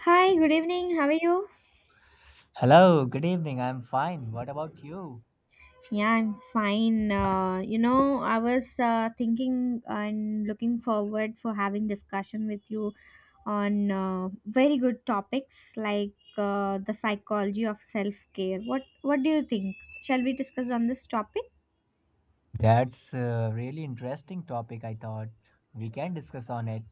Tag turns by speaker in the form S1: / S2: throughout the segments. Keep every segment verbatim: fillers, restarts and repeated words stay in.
S1: Hi, good evening. How are you?
S2: Hello, good evening. I'm fine. What about you?
S1: Yeah, I'm fine. Uh, you know, I was uh, thinking and looking forward for having discussion with you on uh, very good topics like uh, the psychology of self-care. What what do you think? Shall we discuss on this topic?
S2: That's a really interesting topic, I thought. We can discuss on it.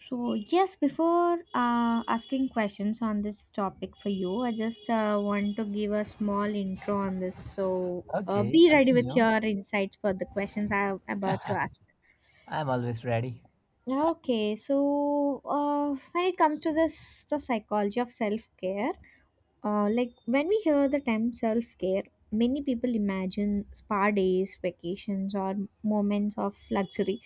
S1: So, yes, before uh, asking questions on this topic for you, I just uh, want to give a small intro on this. So, uh,
S2: Okay,
S1: be ready with
S2: continue.
S1: your insights for the questions I'm about to ask.
S2: I'm always ready.
S1: Okay, so uh, when it comes to this, the psychology of self care, uh, like when we hear the term self care, many people imagine spa days, vacations, or moments of luxury.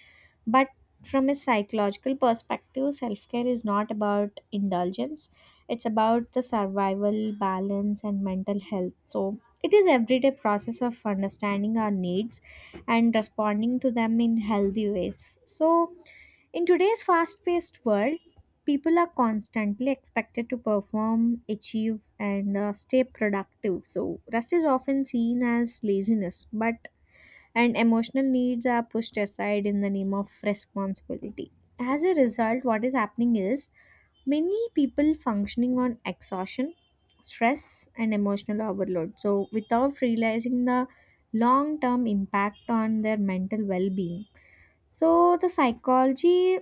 S1: But from a psychological perspective, self care is not about indulgence, it's about the survival, balance, and mental health. So it is everyday process of understanding our needs and responding to them in healthy ways. So in today's fast paced world, people are constantly expected to perform, achieve, and uh, stay productive. So, rest is often seen as laziness, but and emotional needs are pushed aside in the name of responsibility. As a result, what is happening is many people functioning on exhaustion, stress, and emotional overload, So, without realizing the long term impact on their mental well being. So, the psychology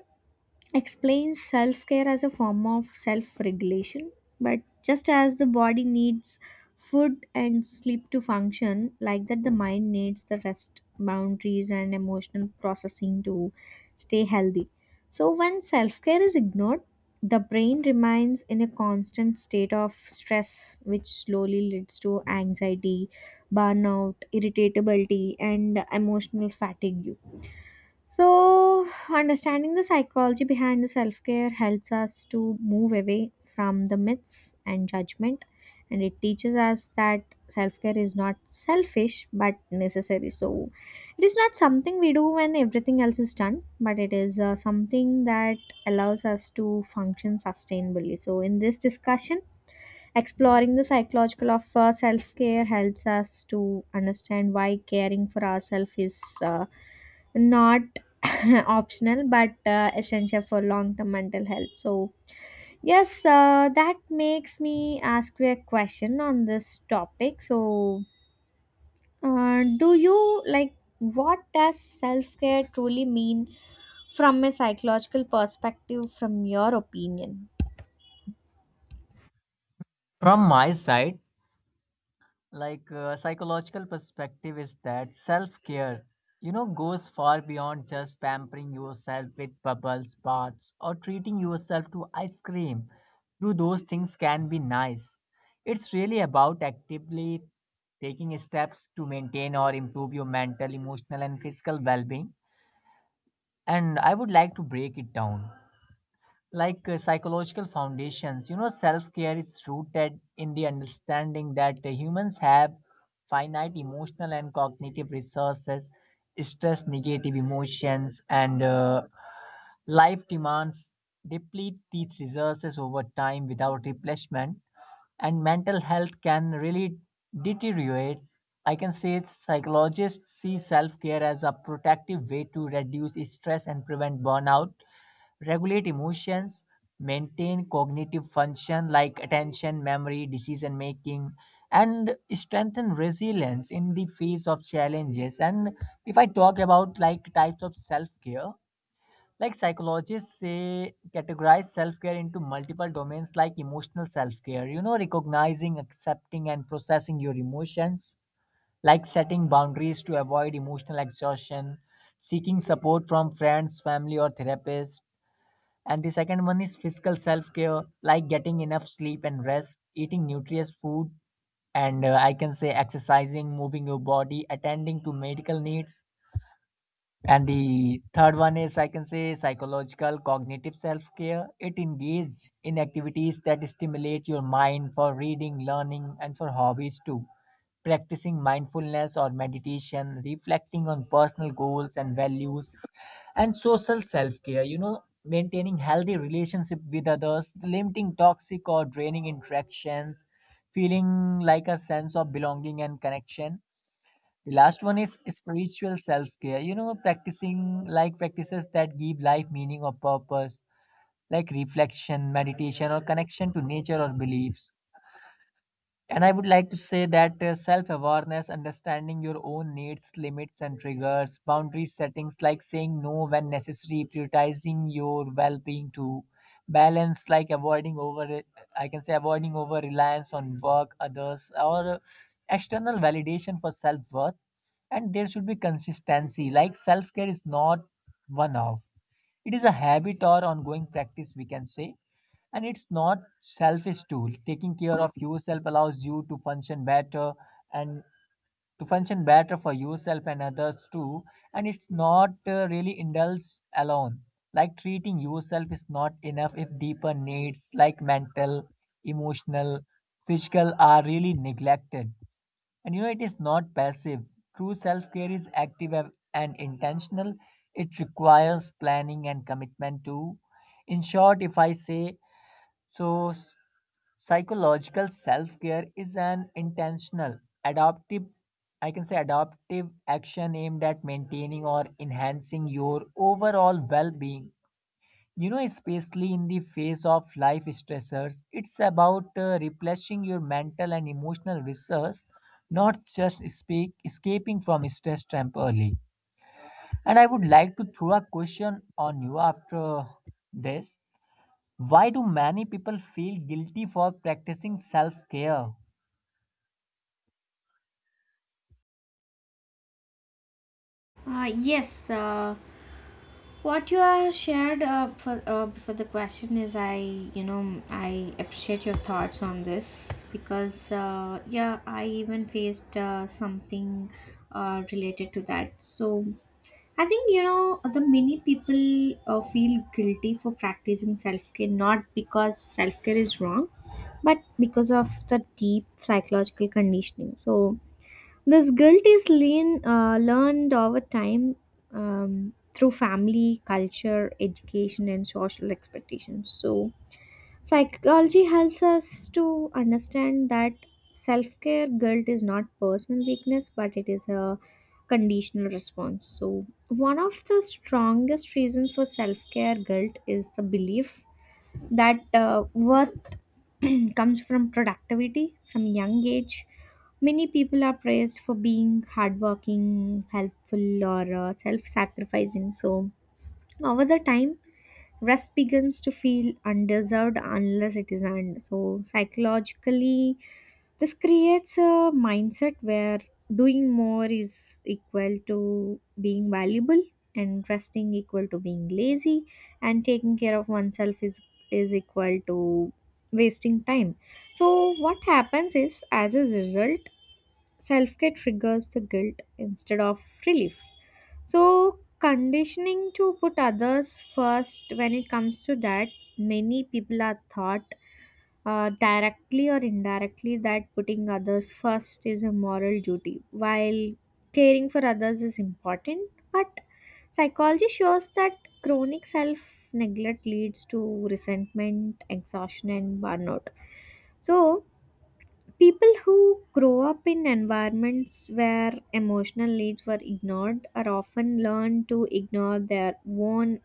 S1: explains self-care as a form of self-regulation, but just as the body needs food and sleep to function, like that the mind needs the rest, boundaries, and emotional processing to stay healthy. So when self-care is ignored, the brain remains in a constant state of stress, which slowly leads to anxiety, burnout, irritability, and emotional fatigue. So, understanding the psychology behind the self care helps us to move away from the myths and judgment, and it teaches us that self care is not selfish but necessary. So, it is not something we do when everything else is done, but it is uh, something that allows us to function sustainably. So, in this discussion, exploring the psychological of uh, self care helps us to understand why caring for ourselves is uh, not optional but uh, essential for long term mental health. So, yes, uh, that makes me ask you a question on this topic. So, uh, do you like what does self care truly mean from a psychological perspective, from your opinion?
S2: From my side, like uh, psychological perspective is that self care you know goes far beyond just pampering yourself with bubbles baths or treating yourself to ice cream though those things can be nice. It's really about actively taking steps to maintain or improve your mental, emotional and physical well-being. And I would like to break it down, like uh, psychological foundations. You know self care is rooted in the understanding that uh, humans have finite emotional and cognitive resources. Stress, negative emotions, and uh, life demands deplete these resources over time without replacement, and mental health can really deteriorate. I can say psychologists see self care as a protective way to reduce stress and prevent burnout, regulate emotions, maintain cognitive function like attention, memory, decision making, and strengthen resilience in the face of challenges. And if I talk about like types of self care, like psychologists say, categorize self care into multiple domains like emotional self care, you know, recognizing, accepting, and processing your emotions, like setting boundaries to avoid emotional exhaustion, seeking support from friends, family, or therapists. And the second one is physical self care, like getting enough sleep and rest, eating nutritious food, and uh, I can say exercising, moving your body, attending to medical needs. And the third one is, I can say, psychological cognitive self care. It engages in activities that stimulate your mind for reading, learning, and for hobbies too. Practicing mindfulness or meditation, reflecting on personal goals and values, and social self-care, you know maintaining healthy relationship with others, limiting toxic or draining interactions, feeling like a sense of belonging and connection. The last one is spiritual self-care, you know practicing, like practices that give life meaning or purpose, like reflection, meditation or connection to nature or beliefs. And I would like to say that uh, self awareness, understanding your own needs, limits, and triggers, boundary settings like saying no when necessary, prioritizing your well being to balance, like avoiding over, I can say, avoiding over reliance on work, others, or uh, external validation for self worth. And there should be consistency, like self care is not one off, it is a habit or ongoing practice, we can say. And it's not selfish tool. Taking care of yourself allows you to function better and to function better for yourself and others too. And it's not uh, really indulge alone. Like treating yourself is not enough if deeper needs like mental, emotional, physical are really neglected. And you know it is not passive. True self care is active and and intentional. It requires planning and commitment too. In short, if I say so, psychological self care is an intentional, adaptive, I can say adaptive action aimed at maintaining or enhancing your overall well being. You know, especially in the face of life stressors, it's about uh, replenishing your mental and emotional reserves, not just speak, escaping from stress temporarily. And I would like to throw a question on you after this. Why do many people feel guilty for practicing self care?
S1: Uh, yes, uh, what you have shared uh, for uh, for the question is, i you know i appreciate your thoughts on this because uh, yeah, i even faced uh, something uh, related to that. So i think you know the many people uh, feel guilty for practicing self-care, not because self-care is wrong, but because of the deep psychological conditioning. So this guilt is lean, uh, learned over time, um, through family, culture, education, and social expectations. So, psychology helps us to understand that self care guilt is not personal weakness, but it is a conditional response. So, one of the strongest reasons for self care guilt is the belief that uh, worth comes from productivity. From a young age, many people are praised for being hardworking, helpful, or uh, self-sacrificing. So over the time rest begins to feel undeserved unless it is earned. So, psychologically, this creates a mindset where doing more is equal to being valuable, and resting equal to being lazy, and taking care of oneself is is equal to wasting time. So what happens is, as a result, self care triggers the guilt instead of relief. So, conditioning to put others first. When it comes to that, many people are taught, uh, directly or indirectly, that putting others first is a moral duty, while caring for others is important. But psychology shows that chronic self neglect leads to resentment, exhaustion, and burnout. So, people who grow up in environments where emotional needs were ignored are often learn to ignore their own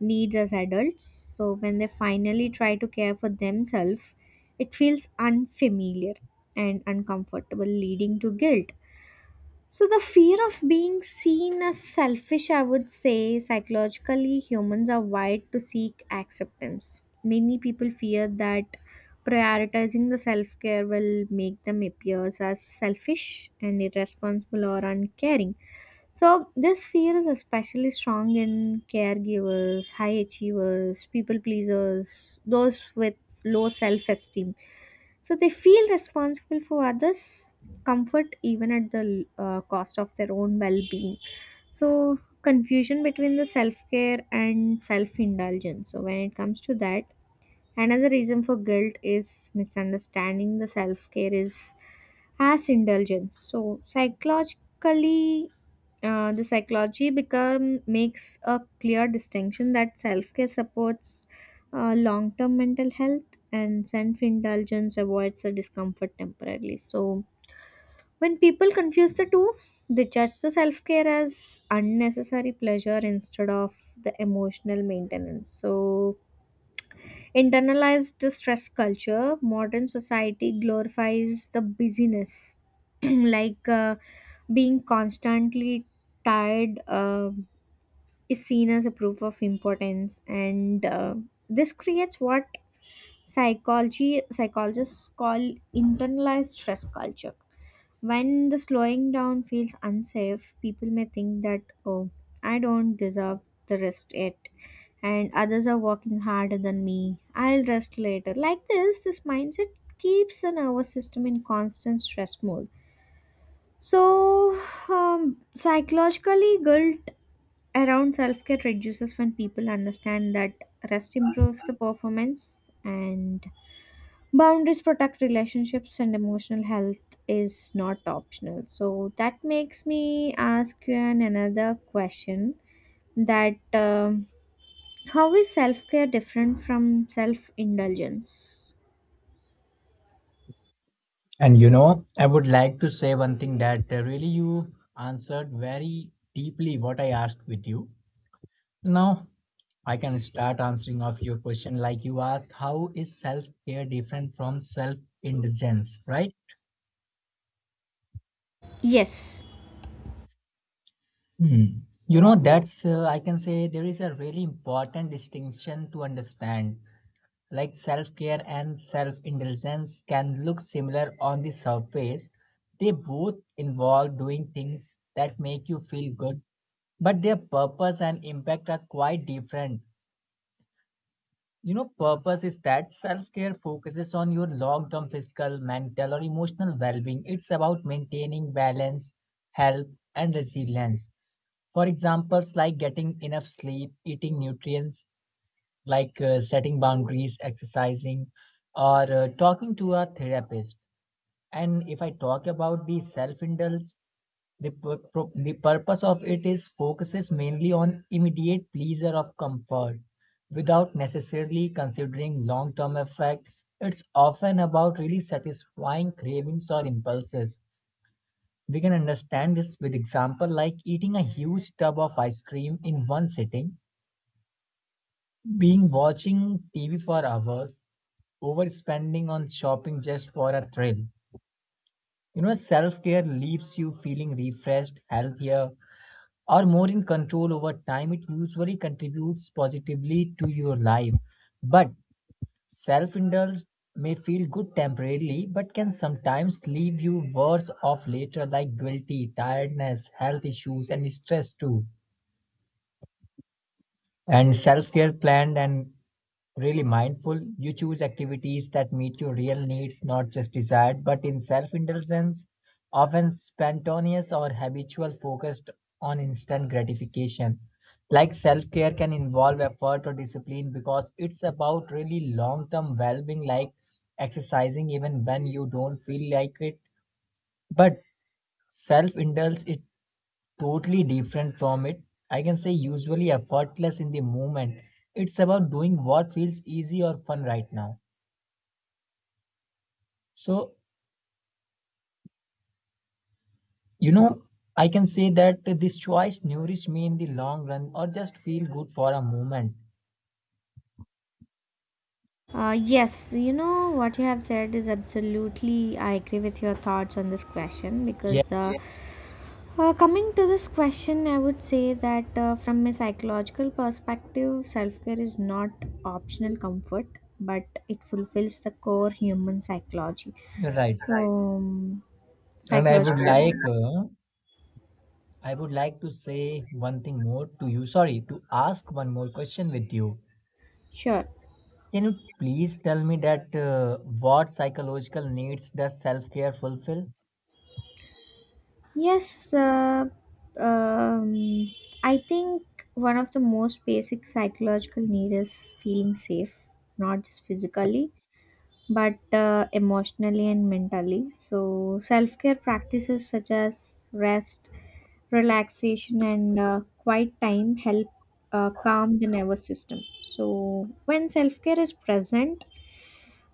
S1: needs as adults. So when they finally try to care for themselves, it feels unfamiliar and uncomfortable, leading to guilt. So, the fear of being seen as selfish. I would say, psychologically, humans are wired to seek acceptance. Many people fear that prioritizing the self care will make them appear as selfish and irresponsible or uncaring. So, this fear is especially strong in caregivers, high achievers, people pleasers, those with low self esteem. So, they feel responsible for others' comfort, even at the uh, cost of their own well being. So, confusion between the self care and self indulgence. So, when it comes to that, another reason for guilt is misunderstanding the self care is as indulgence. So psychologically, uh, the psychology become makes a clear distinction that self care supports uh, long term mental health, and self indulgence avoids the discomfort temporarily. So when people confuse the two, they judge the self care as unnecessary pleasure instead of the emotional maintenance. So, internalized stress culture. Modern society glorifies the busyness, like uh, being constantly tired uh, is seen as a proof of importance, and uh, this creates what psychology psychologists call internalized stress culture. When the slowing down feels unsafe, people may think that, oh, I don't deserve the rest yet, and others are working harder than me. I'll rest later. Like this, this mindset keeps the nervous system in constant stress mode. So, um, psychologically, guilt around self care reduces when people understand that rest improves the performance, and boundaries protect relationships, and emotional health is not optional. So that makes me ask you an another question, that um, how is self-care different from self-indulgence?
S2: And you know, I would like to say one thing, that uh, really you answered very deeply what I asked with you. Now, I can start answering of your question like you asked, how is self-care different from self-indulgence, right?
S1: Yes.
S2: Hmm. You know, that's uh, I can say there is a really important distinction to understand. Like self care and self indulgence can look similar on the surface. They both involve doing things that make you feel good, but their purpose and impact are quite different. You know, purpose is that self care focuses on your long term physical, mental, or emotional well being. It's about maintaining balance, health, and resilience. For examples, like getting enough sleep, eating nutrients, like uh, setting boundaries, exercising, or uh, talking to a therapist. And if I talk about the self indulge, the, pur- pro- the purpose of it is focuses mainly on immediate pleasure of comfort without necessarily considering long term effect. It's often about really satisfying cravings or impulses. We can understand this with example like eating a huge tub of ice cream in one sitting, being watching T V for hours, overspending on shopping just for a thrill. You know, self care leaves you feeling refreshed, healthier, or more in control over time. It usually contributes positively to your life. But self indulge may feel good temporarily, but can sometimes leave you worse off later, like guilty, tiredness, health issues, and stress too. And self-care planned and really mindful, you choose activities that meet your real needs, not just desired, but in self-indulgence often spontaneous or habitual, focused on instant gratification. Like self-care can involve effort or discipline because it's about really long-term well-being, like exercising even when you don't feel like it. But self-indulge it totally different from it. I can say usually effortless in the moment. It's about doing what feels easy or fun right now. So, you know, I can say that this choice nourish me in the long run or just feel good for a moment.
S1: Uh, yes, you know what you have said is absolutely. I agree with your thoughts on this question,
S2: Yeah,
S1: because uh, yeah. Uh, coming to this question, I would say that uh, from a psychological perspective, self care is not optional comfort, but it fulfills the core human psychology.
S2: you're right.
S1: So, right. um,
S2: And I would
S1: psychological
S2: like
S1: needs.
S2: uh, I would like to say one thing more to you. Sorry, to ask one more question with you.
S1: Sure.
S2: Can you please tell me that uh, what psychological needs does self-care fulfill?
S1: Yes, uh, um, I think one of the most basic psychological need is feeling safe, not just physically, but uh, emotionally and mentally. So, self care practices such as rest, relaxation, and uh, quiet time help uh, calm the nervous system. So, when self care is present,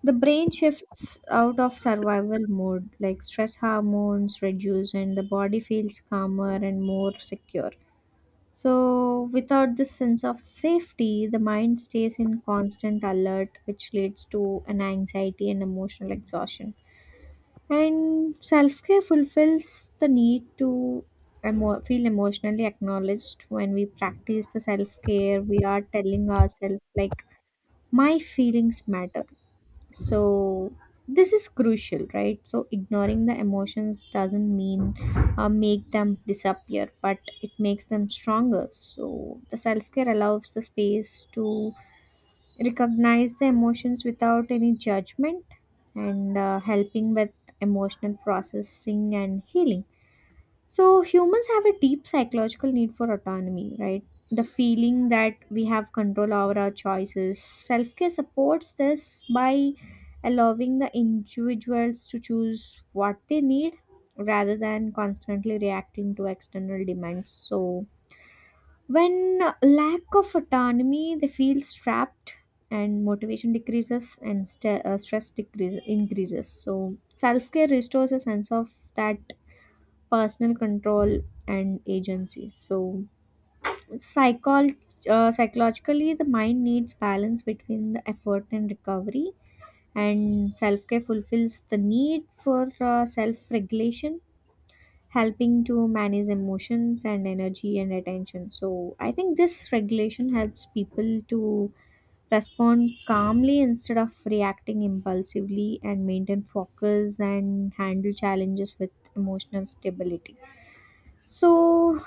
S1: the brain shifts out of survival mode, like stress hormones reduce, and the body feels calmer and more secure. So, without this sense of safety, the mind stays in constant alert, which leads to an anxiety and emotional exhaustion. And self care fulfills the need to emo- feel emotionally acknowledged. When we practice the self care, we are telling ourselves, like, my feelings matter. So this is crucial, right? So ignoring the emotions doesn't mean uh, make them disappear, but it makes them stronger. So the self-care allows the space to recognize the emotions without any judgment, and uh, helping with emotional processing and healing. So humans have a deep psychological need for autonomy, right? The feeling that we have control over our choices. Self care supports this by allowing the individuals to choose what they need rather than constantly reacting to external demands. So, when lack of autonomy, they feel strapped and motivation decreases, and st- uh, stress decrease increases. So, self care restores a sense of that personal control and agency. So, psychol- uh, psychologically, the mind needs balance between the effort and recovery, and self care fulfills the need for uh, self regulation, helping to manage emotions and energy and attention. So, I think this regulation helps people to respond calmly instead of reacting impulsively, and maintain focus, and handle challenges with emotional stability. So,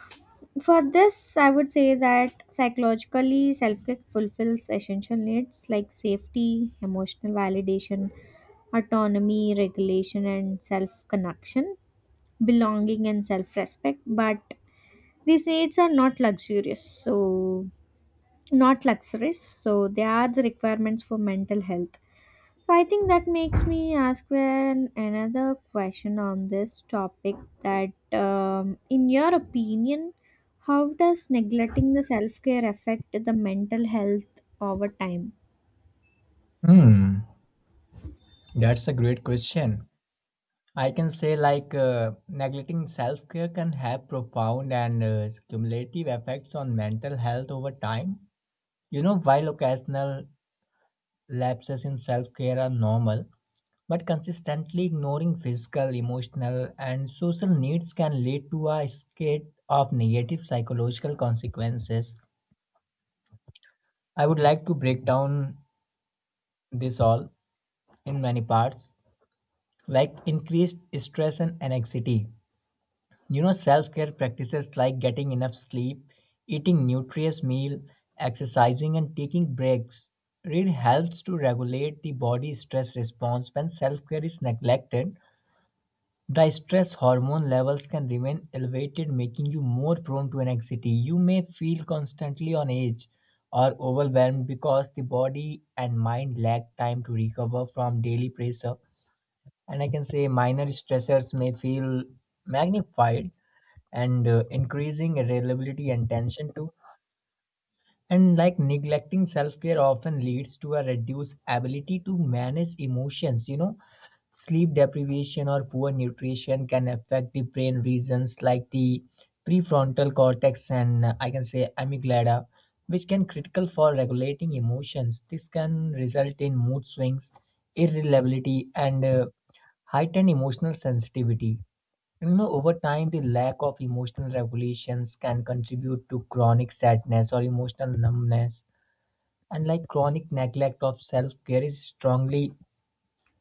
S1: for this, I would say that psychologically, self care fulfills essential needs like safety, emotional validation, autonomy, regulation, and self connection, belonging, and self respect. But these needs are not luxurious, so not luxuries, so they are the requirements for mental health. So I think that makes me ask an, another question on this topic, that um, in your opinion, how does neglecting the self-care affect the mental health over time?
S2: Hmm. That's a great question. I can say like uh, neglecting self-care can have profound and uh, cumulative effects on mental health over time. You know, while occasional lapses in self-care are normal, but consistently ignoring physical, emotional, and social needs can lead to a cascade of negative psychological consequences. I would like to break down this all in many parts, like increased stress and anxiety. You know, self care practices like getting enough sleep, eating nutritious meal, exercising, and taking breaks really helps to regulate the body's stress response. When self care is neglected, the stress hormone levels can remain elevated, making you more prone to anxiety. You may feel constantly on edge or overwhelmed because the body and mind lack time to recover from daily pressure. And I can say minor stressors may feel magnified and uh, increasing irritability and tension too. And like neglecting self-care often leads to a reduced ability to manage emotions. You know, sleep deprivation or poor nutrition can affect the brain regions like the prefrontal cortex and uh, I can say amygdala, which can critical for regulating emotions. This can result in mood swings, irritability, and uh, heightened emotional sensitivity. And, you know, over time, the lack of emotional regulations can contribute to chronic sadness or emotional numbness. And like chronic neglect of self care is strongly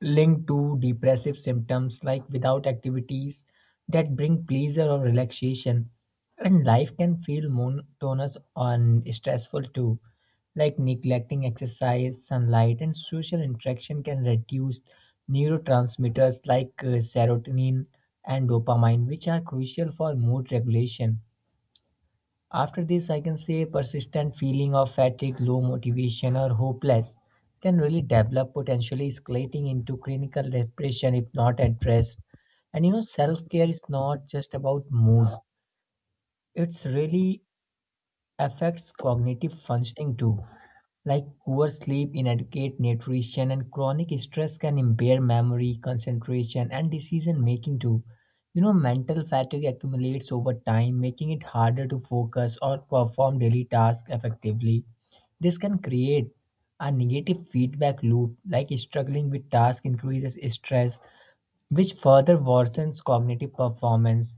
S2: linked to depressive symptoms, like without activities that bring pleasure or relaxation. And life can feel monotonous and stressful too. Like neglecting exercise, sunlight, and social interaction can reduce neurotransmitters like uh, serotonin and dopamine, which are crucial for mood regulation. After this, I can say persistent feeling of fatigue, low motivation, or hopeless can really develop, potentially escalating into clinical depression if not addressed. And you know, self care is not just about mood, it's really affects cognitive functioning too. Like poor sleep, inadequate nutrition, and chronic stress can impair memory, concentration, and decision making too. You know, mental fatigue accumulates over time, making it harder to focus or perform daily tasks effectively. This can create a negative feedback loop, like struggling with tasks increases stress, which further worsens cognitive performance.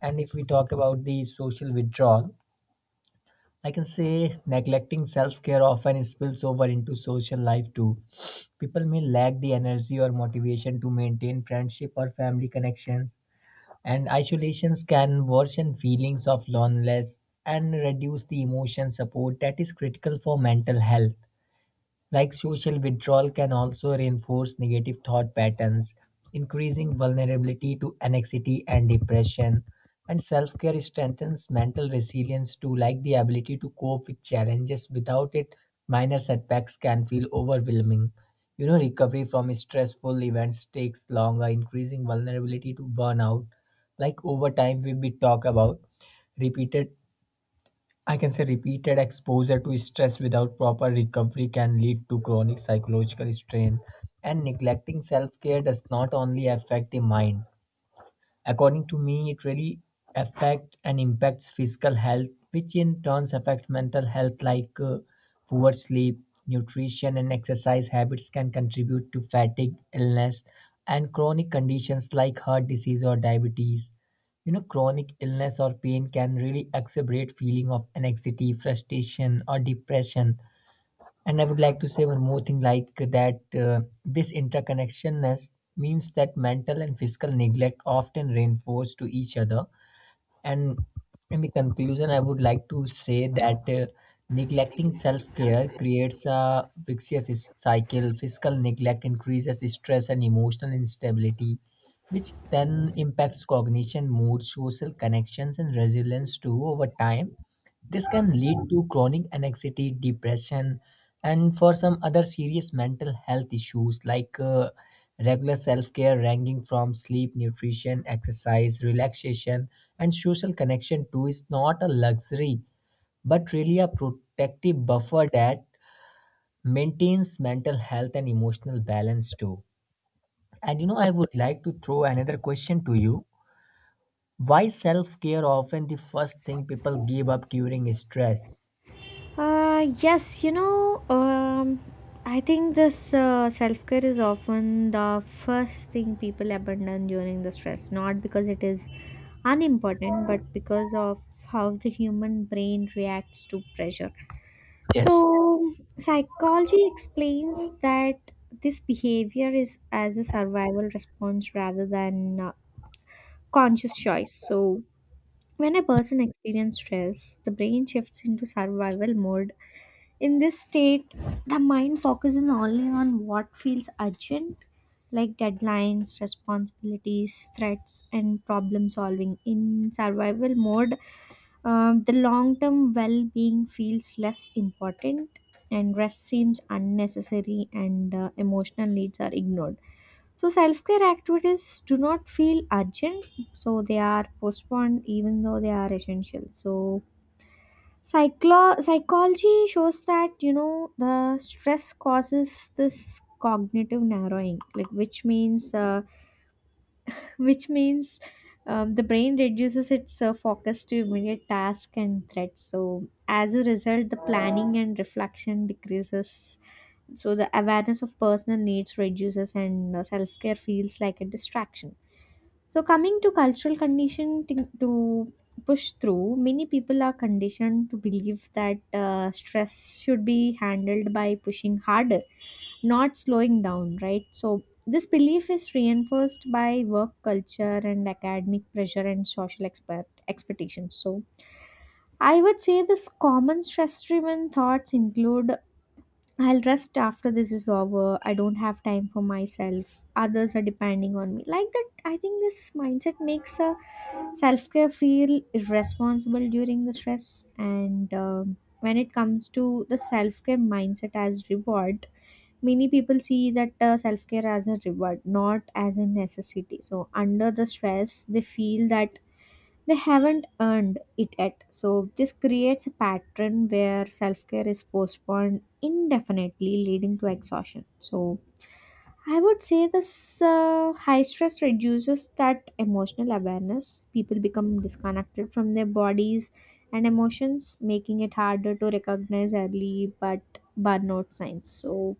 S2: And if we talk about the social withdrawal, I can say neglecting self care often spills over into social life too. People may lack the energy or motivation to maintain friendship or family connection, and isolations can worsen feelings of loneliness and reduce the emotion support that is critical for mental health. Like social withdrawal can also reinforce negative thought patterns, increasing vulnerability to anxiety and depression. And self-care strengthens mental resilience too, like the ability to cope with challenges. Without it, minor setbacks can feel overwhelming. You know, recovery from stressful events takes longer, increasing vulnerability to burnout. Like over time, we we talk about repeated, I can say repeated exposure to stress without proper recovery can lead to chronic psychological strain. And neglecting self care does not only affect the mind, according to me, it really affects and impacts physical health, which in turns affect mental health, like uh, poor sleep, nutrition, and exercise habits can contribute to fatigue, illness, and chronic conditions like heart disease or diabetes. You know, chronic illness or pain can really exacerbate feeling of anxiety, frustration, or depression. And I would like to say one more thing, like that uh, this interconnectionness means that mental and physical neglect often reinforce to each other. And in the conclusion, I would like to say that uh, neglecting self care creates a vicious cycle. Physical neglect increases stress and emotional instability, which then impacts cognition, mood, social connections, and resilience too. Over time this can lead to chronic anxiety, depression, and for some other serious mental health issues, like uh, regular self care, ranging from sleep, nutrition, exercise, relaxation, and social connection, too, is not a luxury but really a protective buffer that maintains mental health and emotional balance, too. And you know, I would like to throw another question to you. Why self care often the first thing people give up during stress?
S1: Uh, yes, you know, um, I think this uh, self care is often the first thing people abandon during the stress, not because it is unimportant, but because of how the human brain reacts to pressure.
S2: Yes.
S1: So, psychology explains that this behavior is as a survival response rather than uh, conscious choice. So, when a person experiences stress, the brain shifts into survival mode. In this state, the mind focuses only on what feels urgent, like deadlines, responsibilities, threats, and problem solving. In survival mode, um, the long term well being feels less important, and rest seems unnecessary, and uh, emotional needs are ignored. So, self care activities do not feel urgent, so they are postponed even though they are essential. So, psychlo- psychology shows that, you know, the stress causes this cognitive narrowing, like which means. Uh, which means um, the brain reduces its uh, focus to immediate task and threats. So, as a result, the planning and reflection decreases. So, the awareness of personal needs reduces, and uh, self care feels like a distraction. So, coming to cultural condition to to push through, many people are conditioned to believe that uh, stress should be handled by pushing harder, not slowing down, right? So, this belief is reinforced by work culture and academic pressure and social expert expectations. So, I would say this common stress driven thoughts include, I'll rest after this is over, I don't have time for myself, others are depending on me. Like that, I think this mindset makes a self care feel irresponsible during the stress. And um, when it comes to the self care mindset as reward, many people see that uh, self care as a reward, not as a necessity. So, under the stress, they feel that they haven't earned it yet. So, this creates a pattern where self care is postponed indefinitely, leading to exhaustion. So, I would say this uh, high stress reduces that emotional awareness. People become disconnected from their bodies and emotions, making it harder to recognize early but burnout signs. So,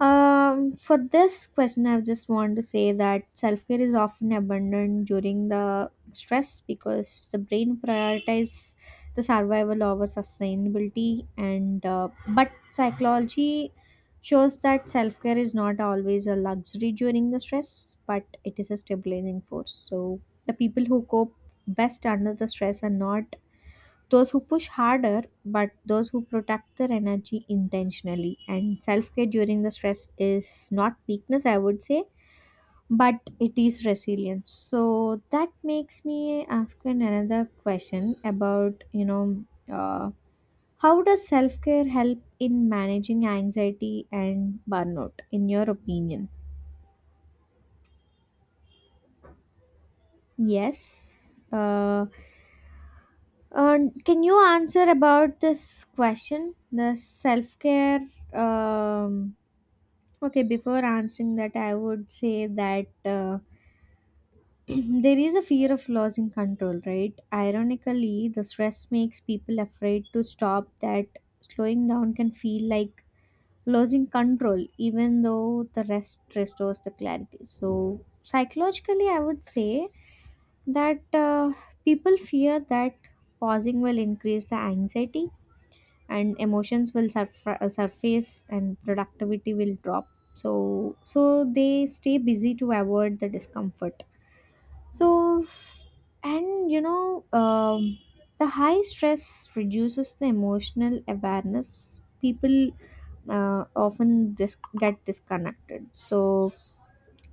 S1: um, for this question, I just want to say that self care is often abandoned during the stress because the brain prioritizes the survival over sustainability. And uh, but psychology shows that self care is not always a luxury during the stress, but it is a stabilizing force. So the people who cope best under the stress are not those who push harder, but those who protect their energy intentionally. And self care during the stress is not weakness, I would say, but it is resilience. So that makes me ask you another question about, you know, uh, how does self care help in managing anxiety and burnout, in your opinion? Yes. Uh, and can you answer about this question, the self care, um, okay, before answering that, I would say that uh, there is a fear of losing control, right? Ironically, the stress makes people afraid to stop, that slowing down can feel like losing control, even though the rest restores the clarity. So, psychologically, I would say that uh, people fear that pausing will increase the anxiety, and emotions will surf- uh, surface, and productivity will drop. So so they stay busy to avoid the discomfort. So, and you know um, the high stress reduces the emotional awareness. People uh, often dis- get disconnected. So,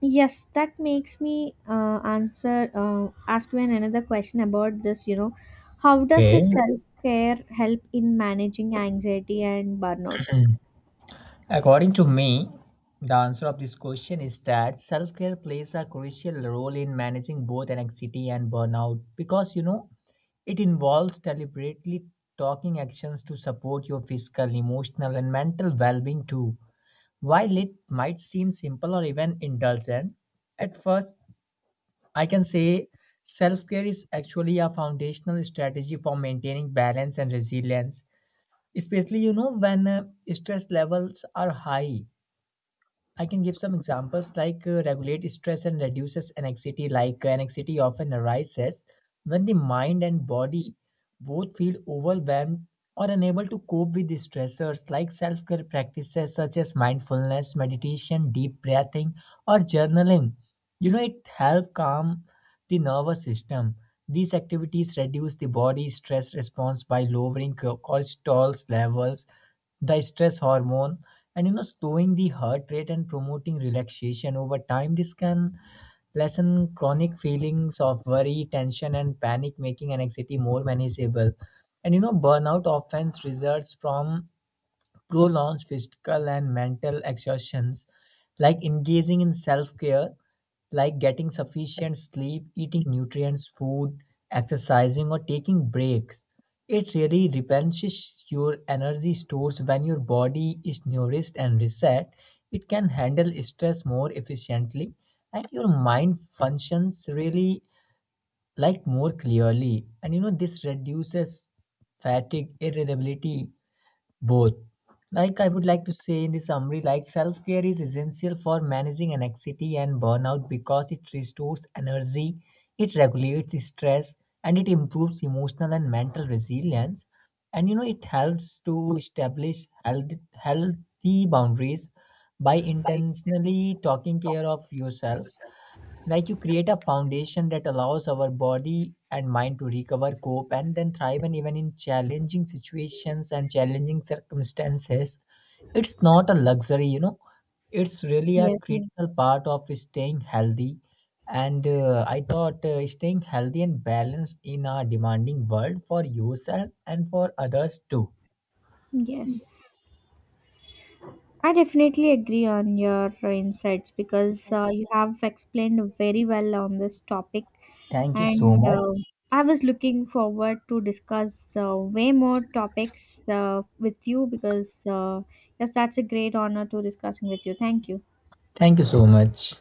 S1: yes, that makes me uh, answer uh, ask you an another question about this. You know, how does
S2: Okay.
S1: this self care help in managing anxiety and burnout?
S2: Mm. According to me, the answer of this question is that self care plays a crucial role in managing both anxiety and burnout, because you know it involves deliberately talking actions to support your physical, emotional, and mental well being too. While it might seem simple or even indulgent, at first I can say self care is actually a foundational strategy for maintaining balance and resilience, especially you know when uh, stress levels are high. I can give some examples like uh, regulate stress and reduces anxiety. Like uh, anxiety often arises when the mind and body both feel overwhelmed or unable to cope with the stressors. Like self care practices such as mindfulness, meditation, deep breathing, or journaling. You know, it help calm the nervous system. These activities reduce the body stress response by lowering cho- cortisol levels, the stress hormone, and you know slowing the heart rate and promoting relaxation. Over time this can lessen chronic feelings of worry, tension and panic, making anxiety more manageable. And you know burnout often results from prolongs physical and mental exhaustions. Like engaging in self-care, like getting sufficient sleep, eating nutrients food, exercising or taking breaks, it really replenishes your energy stores. When your body is nourished and reset, it can handle stress more efficiently and your mind functions really like more clearly. And you know this reduces fatigue, irritability, both. Like I would like to say in the summary, like self care is essential for managing anxiety and burnout because it restores energy, it regulates stress, and it improves emotional and mental resilience. And you know, it helps to establish health, healthy boundaries by intentionally taking care of yourself. Like you create a foundation that allows our body and mind to recover, cope and then thrive, and even in challenging situations and challenging circumstances it's not a luxury, you know, it's really a
S1: Yes,
S2: Mm. critical part of staying healthy. And uh, I thought uh, staying healthy and balanced in a demanding world for yourself and for others too.
S1: yes, I definitely agree on your insights because uh, you have explained very well on this topic.
S2: Thank you so
S1: And
S2: much.
S1: uh, I was looking forward to discuss uh, way more topics uh, with you, because uh, yes, that's a great honor to discussing with you. Thank you.
S2: Thank you so much.